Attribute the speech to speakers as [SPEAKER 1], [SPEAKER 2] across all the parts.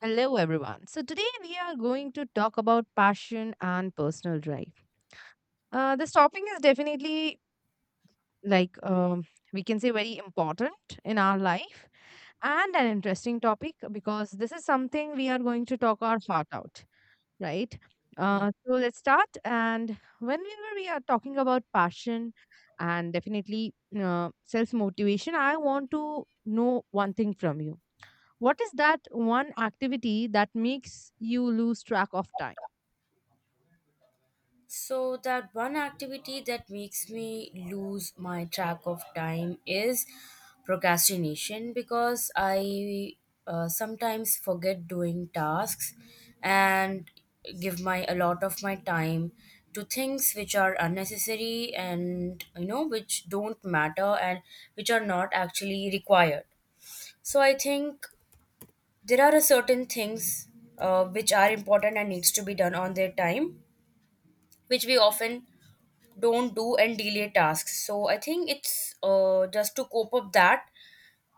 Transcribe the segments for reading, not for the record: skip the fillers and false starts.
[SPEAKER 1] Hello, everyone. So, today we are going to talk about passion and personal drive. This topic is definitely like we can say very important in our life and an interesting topic because this is something we are going to talk our heart out, right?
[SPEAKER 2] Yeah.
[SPEAKER 1] So, let's start. And whenever we are talking about passion and definitely self motivation, I want to know one thing from you: what is that one activity that makes you lose track of time?
[SPEAKER 2] So that one activity that makes me lose my track of time is procrastination because I sometimes forget doing tasks and give my a lot of my time to things which are unnecessary and you know which don't matter and which are not actually required. So I think there are a certain things which are important and needs to be done on their time, which we often don't do and delay tasks. So I think it's just to cope up that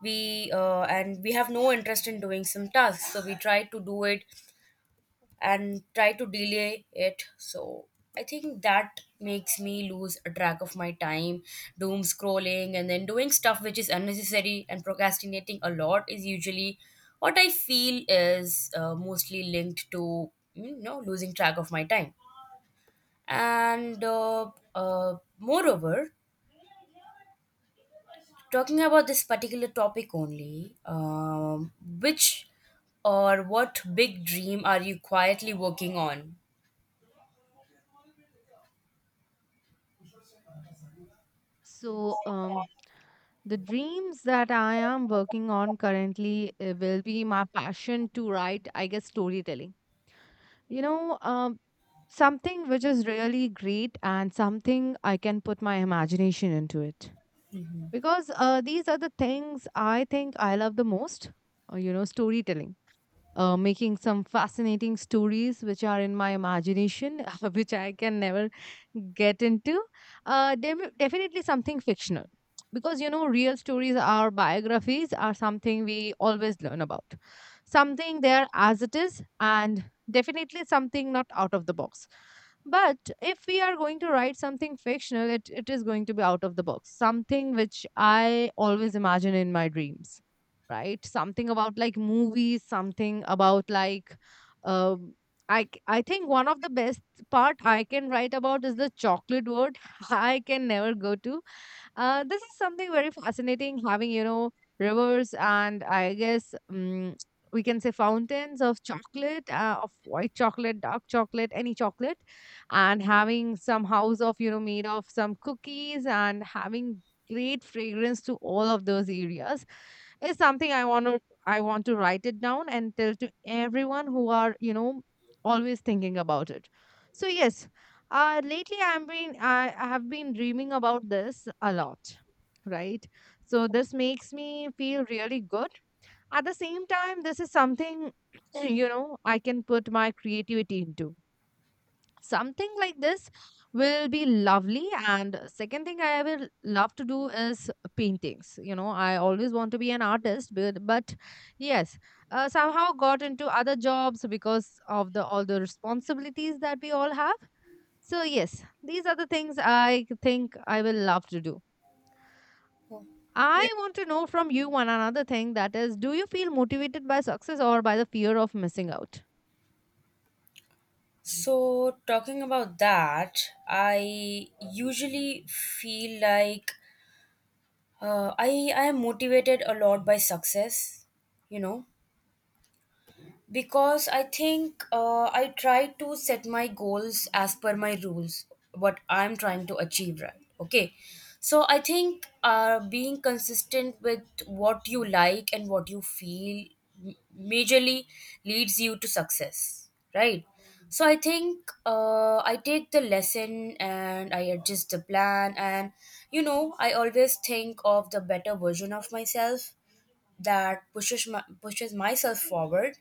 [SPEAKER 2] we have no interest in doing some tasks, so we try to do it and try to delay it. So I think that makes me lose a track of my time. Doom scrolling and then doing stuff which is unnecessary and procrastinating a lot is usually what I feel is mostly linked to you know losing track of my time. And moreover, talking about this particular topic only, which or what big dream are you quietly working on?
[SPEAKER 1] So, um, the dreams that I am working on currently will be my passion to write, I guess, storytelling. You know, something which is really great and something I can put my imagination into it. Because these are the things I think I love the most, you know, storytelling. Making some fascinating stories which are in my imagination, which I can never get into. Definitely something fictional. Because you know, real stories or biographies are something we always learn about. Something there as it is, and definitely something not out of the box. But if we are going to write something fictional, it is going to be out of the box, something which I always imagine in my dreams, right? Something about like movies, something about like um I think one of the best part I can write about is the chocolate world I can never go to. This is something very fascinating, having, you know, rivers, and I guess we can say fountains of chocolate, of white chocolate, dark chocolate, any chocolate, and having some house of, you know, made of some cookies and having great fragrance to all of those areas is something I want to write it down and tell to everyone who are, you know, always thinking about it. So yes, lately, I have been dreaming about this a lot, right? So this makes me feel really good. At the same time, this is something you know I can put my creativity into. Something like this will be lovely. And second thing I will love to do is paintings. You know, I always want to be an artist, but yes, somehow got into other jobs because of the all the responsibilities that we all have, so yes, these are the things I think I will love to do.
[SPEAKER 2] Oh.
[SPEAKER 1] I want to know from you one another thing, that is, do you feel motivated by success or by the fear of missing out?
[SPEAKER 2] So, talking about that, I usually feel like I am motivated a lot by success, you know. Because I think I try to set my goals as per my rules, what I'm trying to achieve, right? Okay, so I think being consistent with what you like and what you feel majorly leads you to success, right? So I think I take the lesson and I adjust the plan, and you know I always think of the better version of myself that pushes myself forward.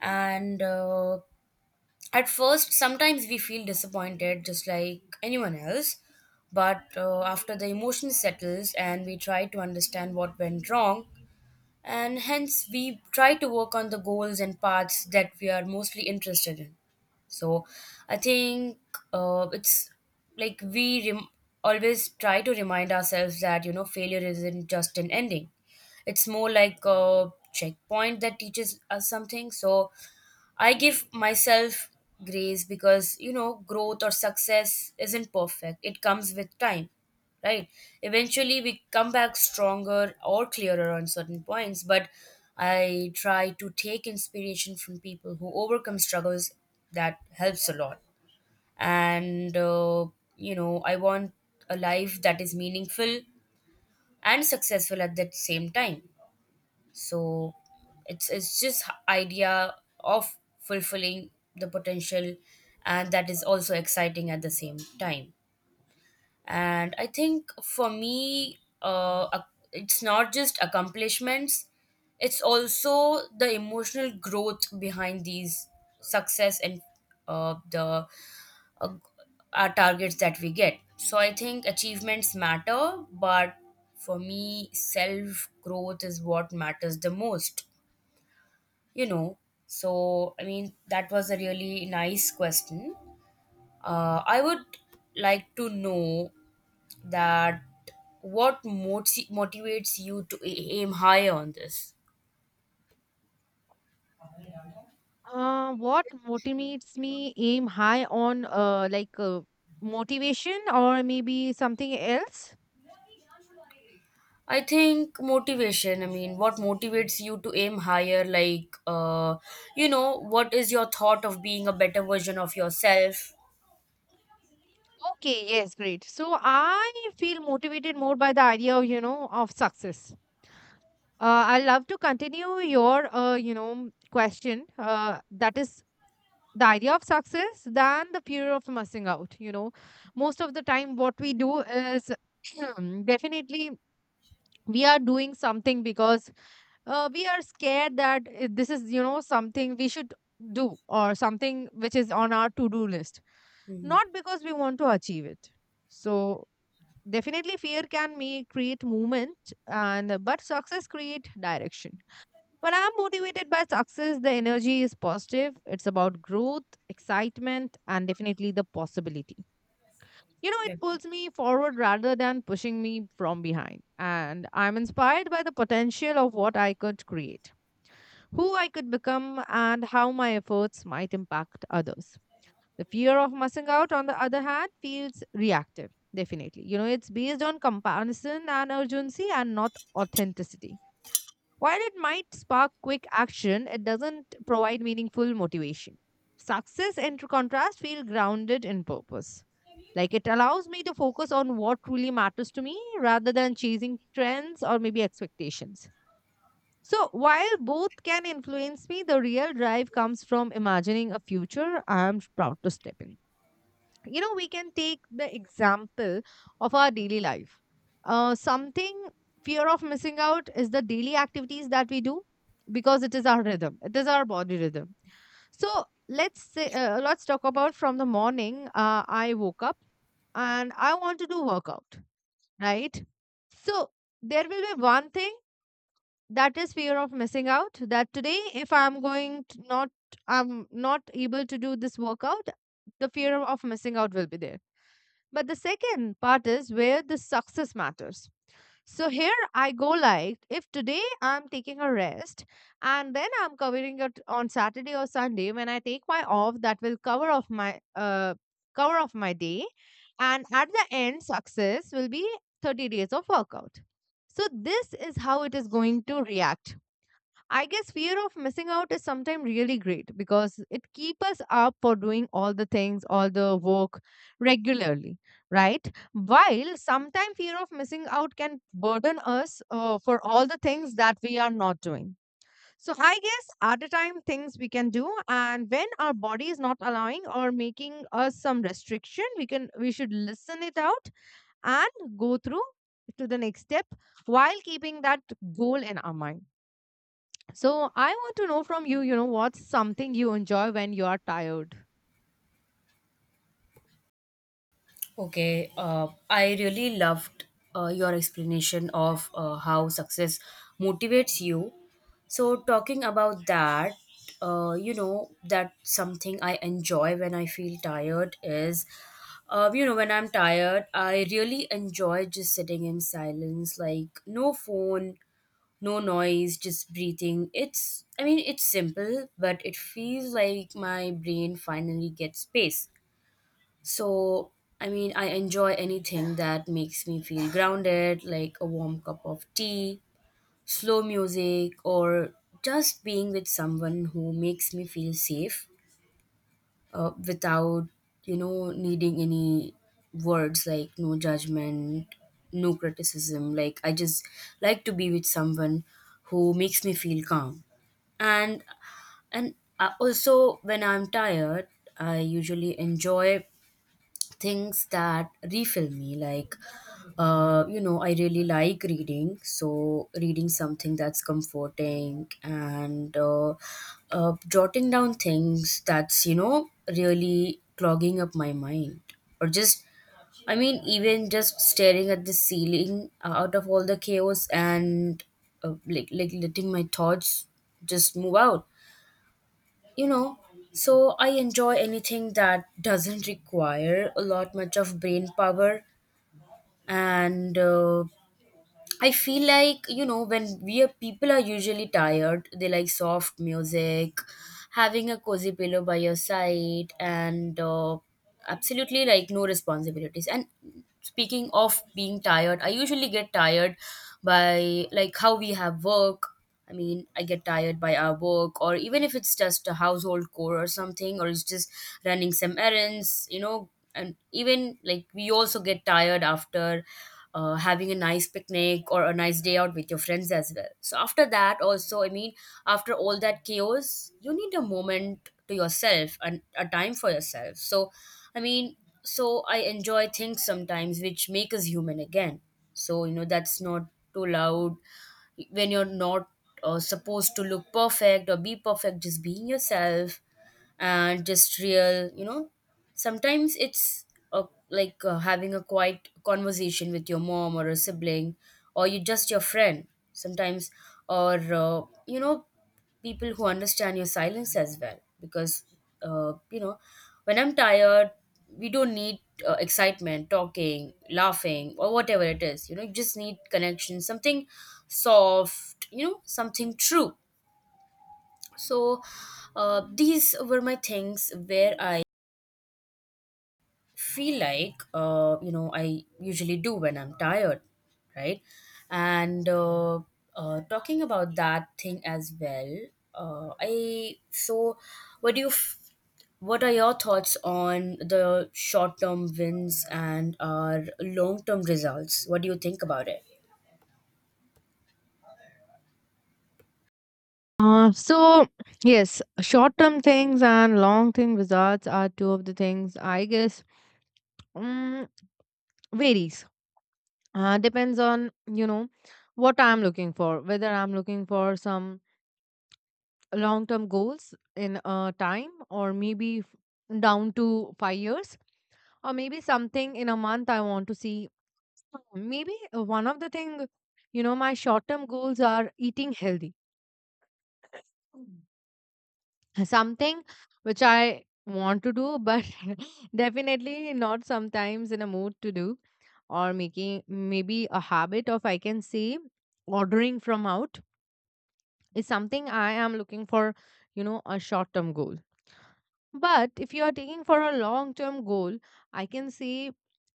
[SPEAKER 2] And at first sometimes we feel disappointed just like anyone else, but after the emotion settles and we try to understand what went wrong, and hence we try to work on the goals and paths that we are mostly interested in. So I think it's like always try to remind ourselves that you know failure isn't just an ending, it's more like a checkpoint that teaches us something. So I give myself grace because you know growth or success isn't perfect. It comes with time, right? Eventually, we come back stronger or clearer on certain points. But I try to take inspiration from people who overcome struggles. That helps a lot. And you know, I want a life that is meaningful and successful at the same time. So it's just idea of fulfilling the potential, and that is also exciting at the same time. And I think for me, it's not just accomplishments, it's also the emotional growth behind these success and the uh, our targets that we get. So I think achievements matter, but for me self growth is what matters the most, you know. So I mean that was a really nice question. I would like to know that what motivates you to aim higher on this.
[SPEAKER 1] What motivates me aim high on, like, motivation or maybe something else?
[SPEAKER 2] I think motivation, I mean what motivates you to aim higher, like you know what is your thought of being a better version of yourself?
[SPEAKER 1] Okay, yes, great. So I feel motivated more by the idea of, you know, of success. I love to continue your, you know, question. That is the idea of success than the fear of missing out. You know, most of the time, what we do is definitely we are doing something because we are scared that this is, you know, something we should do or something which is on our to-do list,
[SPEAKER 2] Mhm.
[SPEAKER 1] not because we want to achieve it. So definitely fear can me create movement and but success create direction. When I'm motivated by success, the energy is positive. It's about growth, excitement, and definitely the possibility. You know, it pulls me forward rather than pushing me from behind, and I'm inspired by the potential of what I could create, who I could become, and how my efforts might impact others. The fear of missing out, on the other hand, feels reactive, definitely. You know, it's based on comparison and urgency, and not authenticity. While it might spark quick action, it doesn't provide meaningful motivation. Success, in contrast, feels grounded in purpose. Like, it allows me to focus on what truly matters to me rather than chasing trends or maybe expectations. So, while both can influence me, the real drive comes from imagining a future I am proud to step in. You know, we can take the example of our daily life. Something, fear of missing out, is the daily activities that we do, because it is our rhythm, it is our body rhythm. So let's talk about from the morning. I woke up and I want to do workout, right? So there will be one thing that is fear of missing out, that today if I'm going to not, I'm not able to do this workout, the fear of missing out will be there. But the second part is where the success matters. So here I go, like, if today I'm taking a rest and then I'm covering it on Saturday or Sunday when I take my off, that will cover off my day, and at the end success will be 30 days of workout. So this is how it is going to react. I guess fear of missing out is sometimes really great because it keeps us up for doing all the things, all the work regularly, right? While sometimes fear of missing out can burden us for all the things that we are not doing. So I guess at a time things we can do, and when our body is not allowing or making us some restriction, we should listen it out and go through to the next step while keeping that goal in our mind. So I want to know from you, you know, what's something you enjoy when you are tired?
[SPEAKER 2] Okay, I really loved your explanation of how success motivates you. So, talking about that, you know, that something I enjoy when I feel tired is, you know, when I'm tired, I really enjoy just sitting in silence, like no phone, no noise, just breathing. It's, I mean, it's simple, but it feels like my brain finally gets space. So, I mean, I enjoy anything that makes me feel grounded, like a warm cup of tea, slow music, or just being with someone who makes me feel safe without, you know, needing any words, like no judgment, no criticism. Like, I just like to be with someone who makes me feel calm. And, and also, when I'm tired, I usually enjoy things that refill me, like you know I really like reading, so reading something that's comforting, and jotting down things that's you know really clogging up my mind, or just I mean even just staring at the ceiling out of all the chaos, and like letting my thoughts just move out, you know. So I enjoy anything that doesn't require a lot much of brain power. And I feel like, you know, when we are people are usually tired, they like soft music, having a cozy pillow by your side, and absolutely like no responsibilities. And speaking of being tired, I usually get tired by like how we have work. I mean, I get tired by our work, or even if it's just a household chore or something, or it's just running some errands, you know. And even like we also get tired after having a nice picnic or a nice day out with your friends as well. So, after that, also, I mean, after all that chaos, you need a moment to yourself and a time for yourself. So, I mean, so I enjoy things sometimes which make us human again. So, you know, that's not too loud, when you're not supposed to look perfect or be perfect, just being yourself and just real, you know. Sometimes it's uh like having a quiet conversation with your mom or a sibling or you just your friend sometimes, or you know, people who understand your silence as well, because you know when I'm tired, we don't need excitement, talking, laughing, or whatever it is, you know. You just need connection, something soft, you know, something true. So these were my things where I feel like you know I usually do when I'm tired, right? And talking about that thing as well, I so what do you f- what are your thoughts on the short term wins and our long term results? What do you think about it?
[SPEAKER 1] So yes, short-term things and long-term results are two of the things I guess um, varies. Depends on, you know, what I'm looking for, whether I'm looking for some long-term goals in time or maybe down to 5 years or maybe something in a month I want to see. So, maybe one of the thing, you know, my short-term goals are eating healthy. Mm. Something which I want to do, but definitely not sometimes in a mood to do, or making maybe a habit of I can say ordering from out is something I am looking for, you know, a short-term goal. But if you are taking for a long term goal, I can see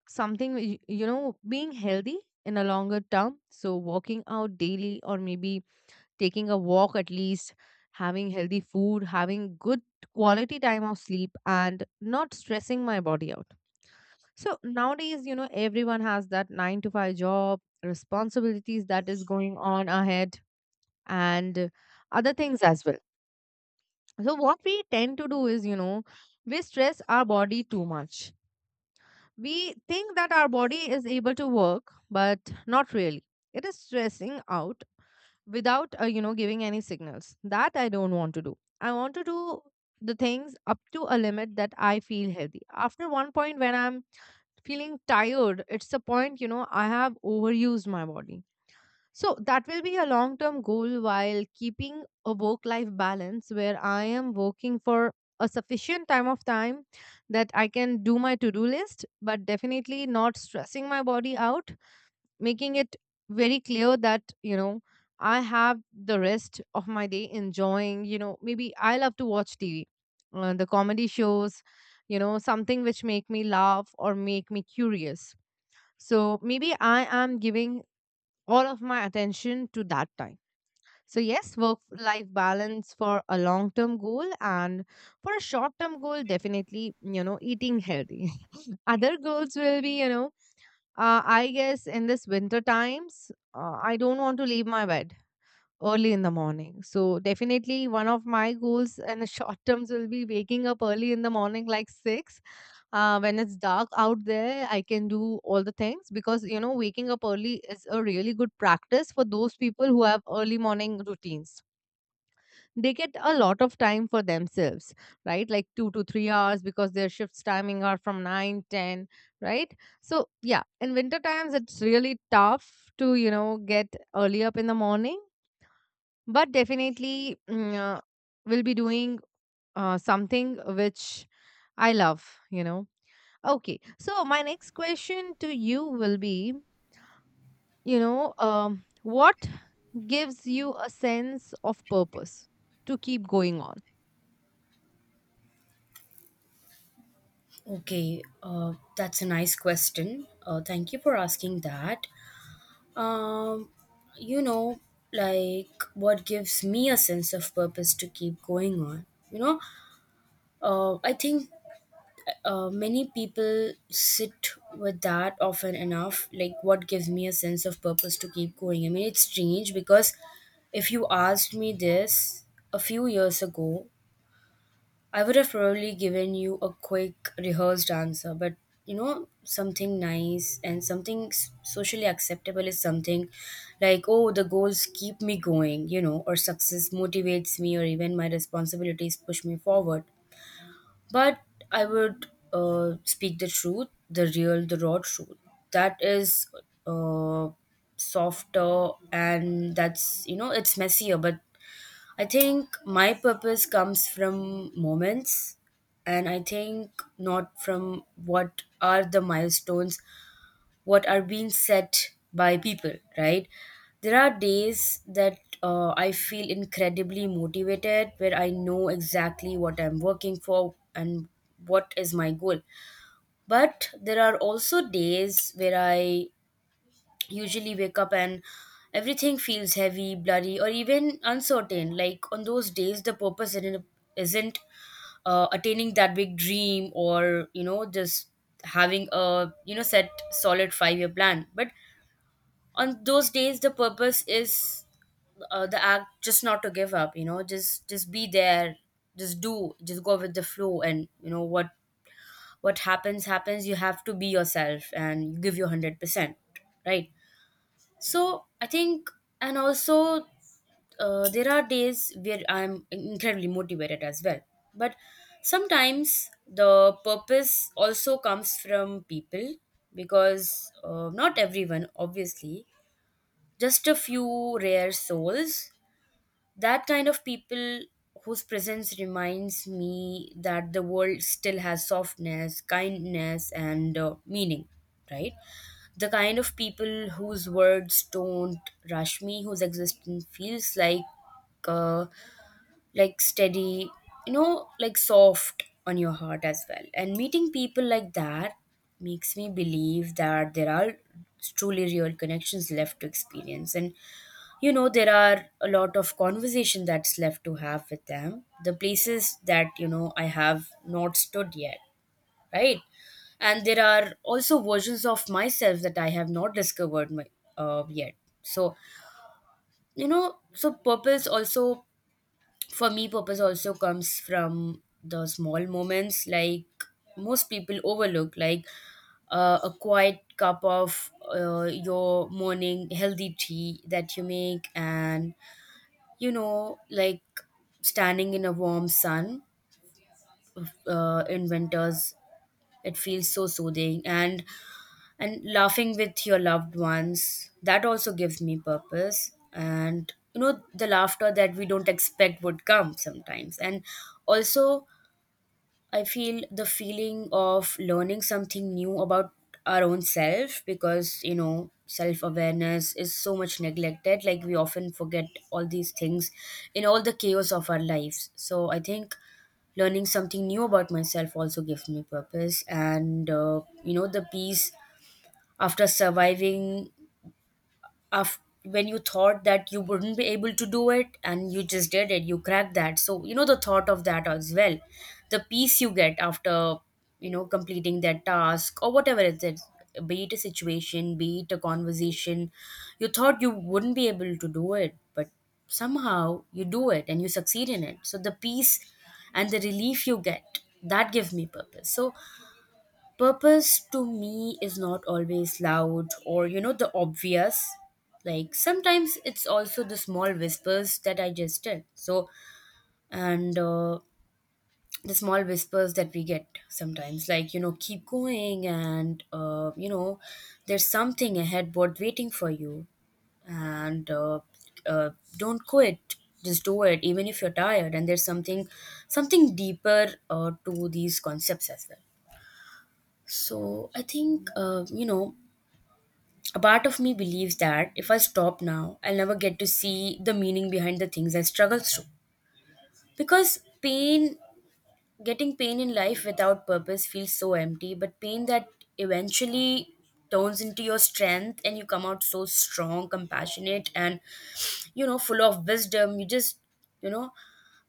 [SPEAKER 1] something, you know, being healthy in a longer term. So, walking out daily or maybe taking a walk at least, having healthy food, having good quality time of sleep, and not stressing my body out. So, nowadays, you know, everyone has that nine to five job, responsibilities that is going on ahead, and other things as well. So, what we tend to do is, you know, we stress our body too much. We think that our body is able to work, but not really. It is stressing out without, you know, giving any signals. That I don't want to do. I want to do the things up to a limit that I feel healthy. After one point, when I'm feeling tired, it's the point, you know, I have overused my body, so that will be a long term goal, while keeping a work life balance where I am working for a sufficient time of time that I can do my to do list, but definitely not stressing my body out, making it very clear that, you know, I have the rest of my day enjoying, you know, maybe I love to watch TV, the comedy shows, you know, something which make me laugh or make me curious. So maybe I am giving all of my attention to that time. So, yes, work life balance for a long term goal and for a short term goal, definitely, you know, eating healthy. Other goals will be, you know, I guess in this winter times, I don't want to leave my bed early in the morning. So, definitely, one of my goals in the short terms will be waking up early in the morning, like 6, when it's dark out there I can do all the things, because you know waking up early is a really good practice for those people who have early morning routines. They get a lot of time for themselves, right? Like 2 to 3 hours, because their shifts timing are from 9, 10, right? So yeah, in winter times it's really tough to, you know, get early up in the morning, but definitely we'll be doing something which I love. Okay, so my next question to you will be, you know, what gives you a sense of purpose to keep going on?
[SPEAKER 2] Okay, that's a nice question. Thank you for asking that. Um, you know, like what gives me a sense of purpose to keep going on. You know, I think many people sit with that often enough. Like, what gives me a sense of purpose to keep going? I mean, it's strange because if you asked me this a few years ago, I would have probably given you a quick rehearsed answer, but you know, something nice and something socially acceptable is something like, oh, the goals keep me going, you know, or success motivates me, or even my responsibilities push me forward. But I would speak the truth, the real, the raw truth. That is uh, softer and that's, you know, it's messier, but I think my purpose comes from moments, and I think not from what are the milestones, what are being set by people, right? There are days that I feel incredibly motivated, where I know exactly what I'm working for and what is my goal. But there are also days where I usually wake up and everything feels heavy, blurry, or even uncertain. Like on those days, the purpose isn't attaining that big dream or you know just having a you know set solid 5-year plan. But on those days, the purpose is the act just not to give up. You know, just be there, just do, just go with the flow, and you know what happens happens. You have to be yourself and give your 100%, right? So I think, and also there are days where I'm incredibly motivated as well. But sometimes the purpose also comes from people, because not everyone, obviously, just a few rare souls. That kind of people whose presence reminds me that the world still has softness, kindness, and meaning, right? The kind of people whose words don't rush me, whose existence feels uh, like steady, you know, like soft on your heart as well. And meeting people like that makes me believe that there are truly real connections left to experience, and you know there are a lot of conversation that's left to have with them, the places that you know I have not stood yet, right? And there are also versions of myself that I have not discovered yet. So, you know, so purpose also, for me, purpose also comes from the small moments like most people overlook, like a quiet cup of your morning healthy tea that you make, and, you know, like standing in a warm sun in winters, it feels so soothing. And laughing with your loved ones that also gives me purpose, and you know, the laughter that we don't expect would come sometimes. And also I feel the feeling of learning something new about our own self, because you know, self awareness is so much neglected. Like we often forget all these things in all the chaos of our lives. So I think learning something new about myself also gives me purpose. And you know, the peace after surviving, after when you thought that you wouldn't be able to do it and you just did it, you cracked that. So you know, the thought of that as well, the peace you get after, you know, completing that task, or whatever it is, be it a situation, be it a conversation. You thought you wouldn't be able to do it, but somehow you do it and you succeed in it. So the peace and the relief you get, that gives me purpose. So purpose to me is not always loud or, you know, the obvious. Like sometimes it's also the small whispers that I just did. So, and The small whispers that we get sometimes, like, you know, keep going, and, you know, there's something ahead but waiting for you. And uh, don't quit, just do it even if you're tired, and there's something deeper to these concepts as well. So I think, you know, a part of me believes that if I stop now, I'll never get to see the meaning behind the things I struggle through. Because pain, getting pain in life without purpose feels so empty, but pain that eventually turns into your strength and you come out so strong, compassionate, and, you know, full of wisdom, you just, you know,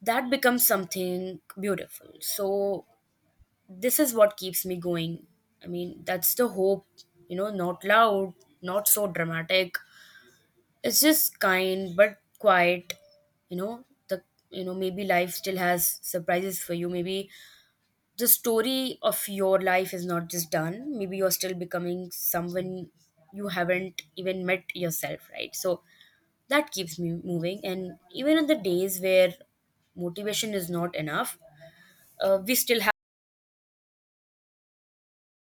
[SPEAKER 2] that becomes something beautiful. So this is what keeps me going. I mean, that's the hope, you know, not loud, not so dramatic. It's just kind but quiet, you know. Maybe life still has surprises for you. Maybe the story of your life is not just done. Maybe you're still becoming someone you haven't even met yourself, right? So that keeps me moving. And even on the days where motivation is not enough, we still have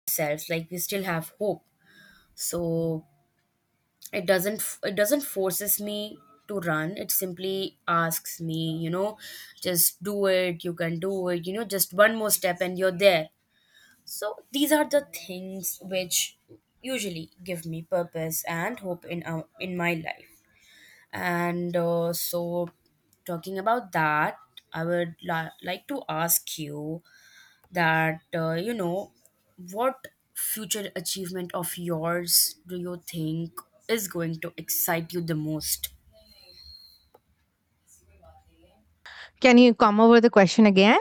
[SPEAKER 2] ourselves, like we still have hope. So it doesn't f- it doesn't forces me to run, it simply asks me, you know, just do it, you can do it, you know, just one more step and you're there. So these are the things which usually give me purpose and hope in in my life. And uh, so talking about that, I would like to ask you that you know, what future achievement of yours do you think is going to excite you the most?
[SPEAKER 1] Can you come over the question again?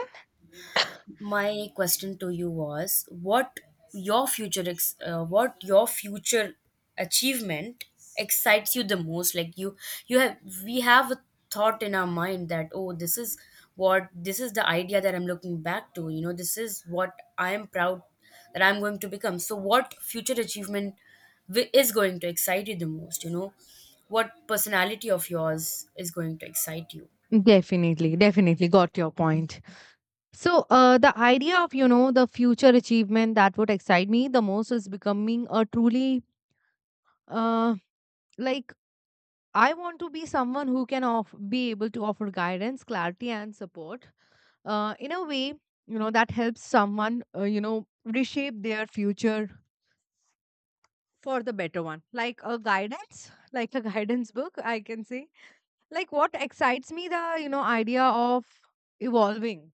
[SPEAKER 2] My question to you was, what your what your future achievement excites you the most. Like you have we have a thought in our mind that, oh, this is what, this is the idea that I'm looking back to, you know, this is what I am proud that I'm going to become. So what future achievement is going to excite you the most, you know, what personality of yours is going to excite you?
[SPEAKER 1] Definitely, definitely got your point. So, the idea of, you know, the future achievement that would excite me the most is becoming a truly, uh, like I want to be someone who can be able to offer guidance, clarity, and support, in a way, you know, that helps someone, you know, reshape their future for the better one, like a guidance, like a guidance book, I can say. Like what excites me, the you know idea of evolving,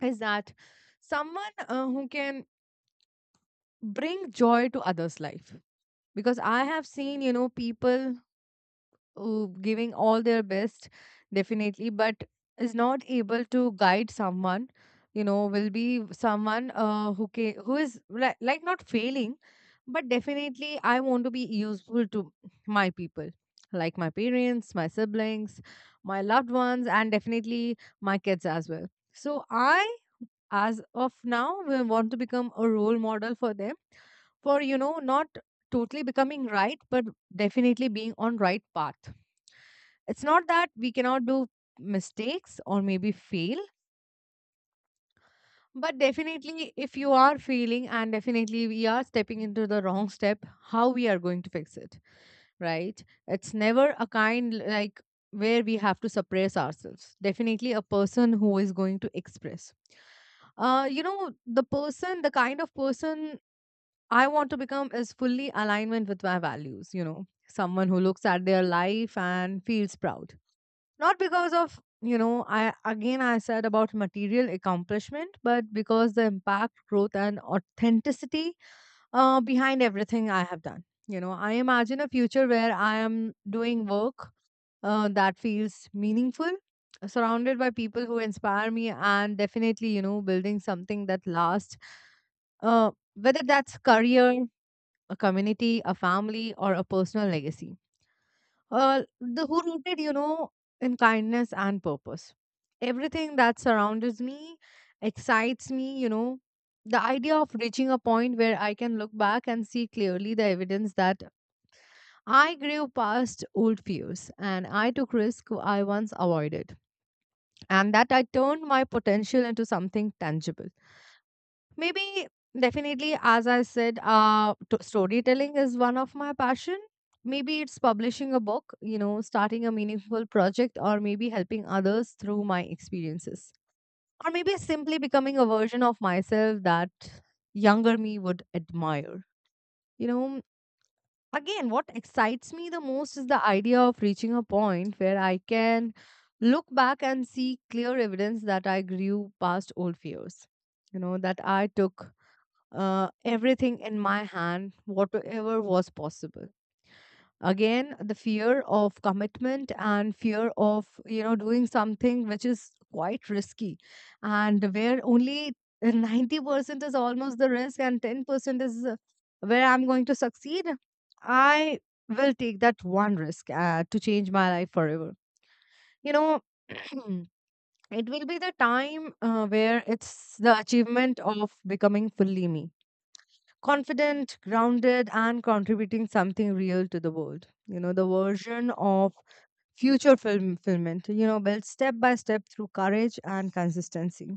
[SPEAKER 1] is that someone, who can bring joy to others' life, because I have seen, you know, people, giving all their best, definitely, but is not able to guide someone, you know, will be someone, who is like not failing. But definitely I want to be useful to my people, like my parents, my siblings, my loved ones, and definitely my kids as well. So I, as of now, will want to become a role model for them, for you know not totally becoming right, but definitely being on right path. It's not that we cannot do mistakes or maybe fail, but definitely if you are failing and definitely we are stepping into the wrong step, how we are going to fix it, right? It's never a kind like where we have to suppress ourselves. Definitely a person who is going to express, you know, the kind of person I want to become is fully alignment with my values, you know, someone who looks at their life and feels proud, not because of, you know, I said about material accomplishment, but because the impact, growth, and authenticity behind everything I have done. You know, I imagine a future where I am doing work, that feels meaningful, surrounded by people who inspire me, and definitely, you know, building something that lasts, whether that's career, a community, a family, or a personal legacy, the who rooted, you know, in kindness and purpose. Everything that surrounds me excites me, you know. The idea of reaching a point where I can look back and see clearly the evidence that I grew past old fears, and I took risks I once avoided, and that I turned my potential into something tangible. Maybe as I said, storytelling is one of my passion. Maybe it's publishing a book, you know, starting a meaningful project, or maybe helping others through my experiences, or maybe simply becoming a version of myself that younger me would admire. You know, again, what excites me the most is the idea of reaching a point where I can look back and see clear evidence that I grew past old fears. You know, that I took, everything in my hand, whatever was possible. Again, the fear of commitment and fear of, you know, doing something which is quite risky, and where only 90% is almost the risk and 10% is, where I'm going to succeed. I will take that one risk, to change my life forever. You know. It will be the time, where it's the achievement of becoming fully me, confident, grounded, and contributing something real to the world. You know, the version of future film fulfillment, you know, built step by step through courage and consistency.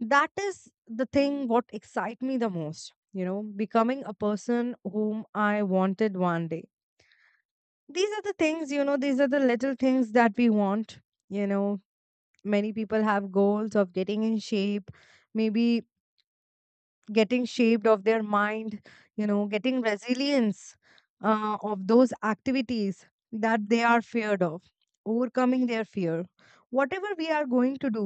[SPEAKER 1] That is the thing what excites me the most, you know, becoming a person whom I wanted one day. These are the things, you know, these are the little things that we want. You know, many people have goals of getting in shape, maybe getting shaped of their mind, you know, getting resilience, of those activities that they are feared of, overcoming their fear. Whatever we are going to do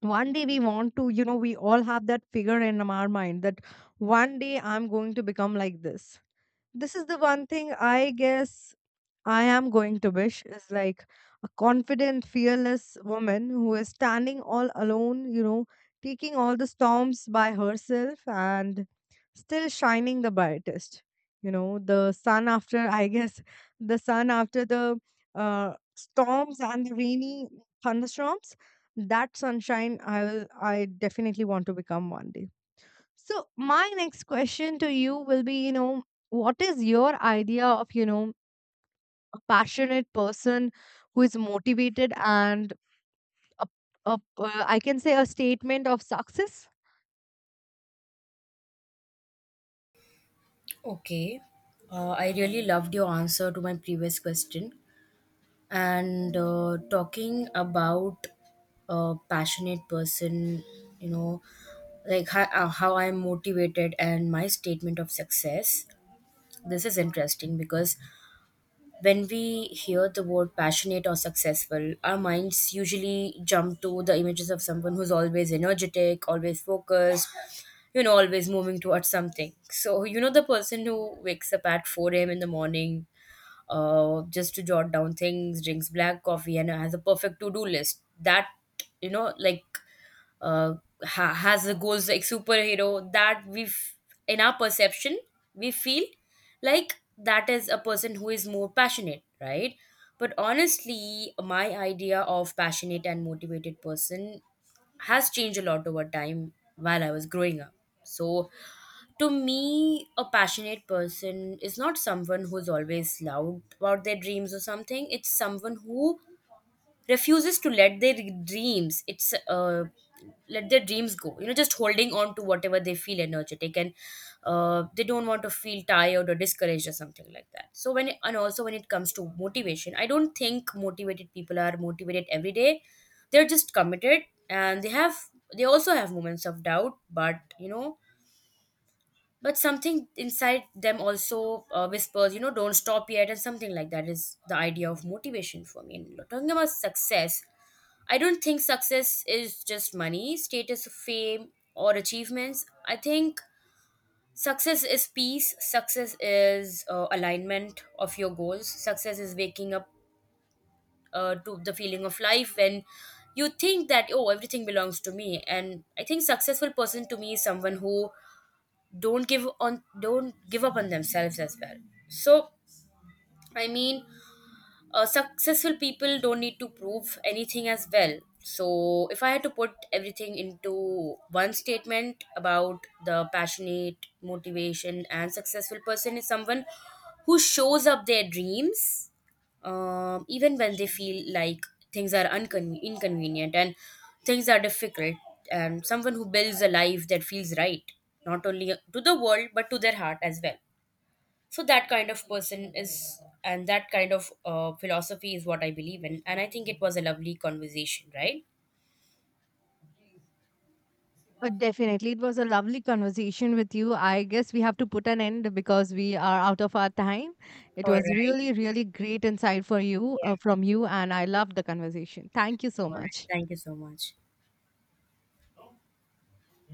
[SPEAKER 1] one day, we want to, you know, we all have that figure in our mind that one day I'm going to become like this. This is the one thing, I guess, I am going to wish, is like a confident, fearless woman who is standing all alone, you know, taking all the storms by herself and still shining the brightest. You know, the sun after, I guess, the sun after the, storms and the rainy thunderstorms, that sunshine, I definitely want to become one day. So, my next question to you will be, you know, what is your idea of, you know, a passionate person who is motivated and a, I can say a statement of success.
[SPEAKER 2] Okay, I really loved your answer to my previous question. And talking about a passionate person, you know, like how I'm motivated and my statement of success, this is interesting because when we hear the word passionate or successful, our minds usually jump to the images of someone who's always energetic, always focused, you know, always moving towards something. So, you know, the person who wakes up at 4 a.m. in the morning just to jot down things, drinks black coffee, and has a perfect to do list. That, you know, like uh, has the goals like superhero that we've in our perception, we feel, like that is a person who is more passionate, right? But honestly, my idea of passionate and motivated person has changed a lot over time while I was growing up. So to me, a passionate person is not someone who's always loud about their dreams or something. It's someone who refuses to let their dreams. It's Let their dreams go. You know, just holding on to whatever they feel energetic, and they don't want to feel tired or discouraged or something like that. So when it, and also when it comes to motivation, I don't think motivated people are motivated every day. They're just committed, and they also have moments of doubt, but you know, but something inside them also whispers, you know, don't stop yet, and something like that is the idea of motivation for me. And talking about success, I don't think success is just money, status, fame, or achievements. I think success is peace, success is alignment of your goals, success is waking up to the feeling of life when you think that, oh, everything belongs to me. And I think successful person to me is someone who don't give up on themselves as well. So i mean uh, successful people don't need to prove anything as well. So, if I had to put everything into one statement about the passionate, motivation, and successful person, is someone who shows up their dreams, even when they feel like things are inconvenient and things are difficult, and someone who builds a life that feels right, not only to the world but to their heart as well. So that kind of person is, and that kind of philosophy is what I believe in, and I think it was a lovely conversation, right?
[SPEAKER 1] Definitely. It was a lovely conversation with you. I guess we have to put an end because we are out of our time. It
[SPEAKER 2] All
[SPEAKER 1] was
[SPEAKER 2] right.
[SPEAKER 1] really, really great insight for you
[SPEAKER 2] Yeah.
[SPEAKER 1] from you, and I loved the conversation. Thank you so
[SPEAKER 2] All right,
[SPEAKER 1] much.
[SPEAKER 2] thank you so much.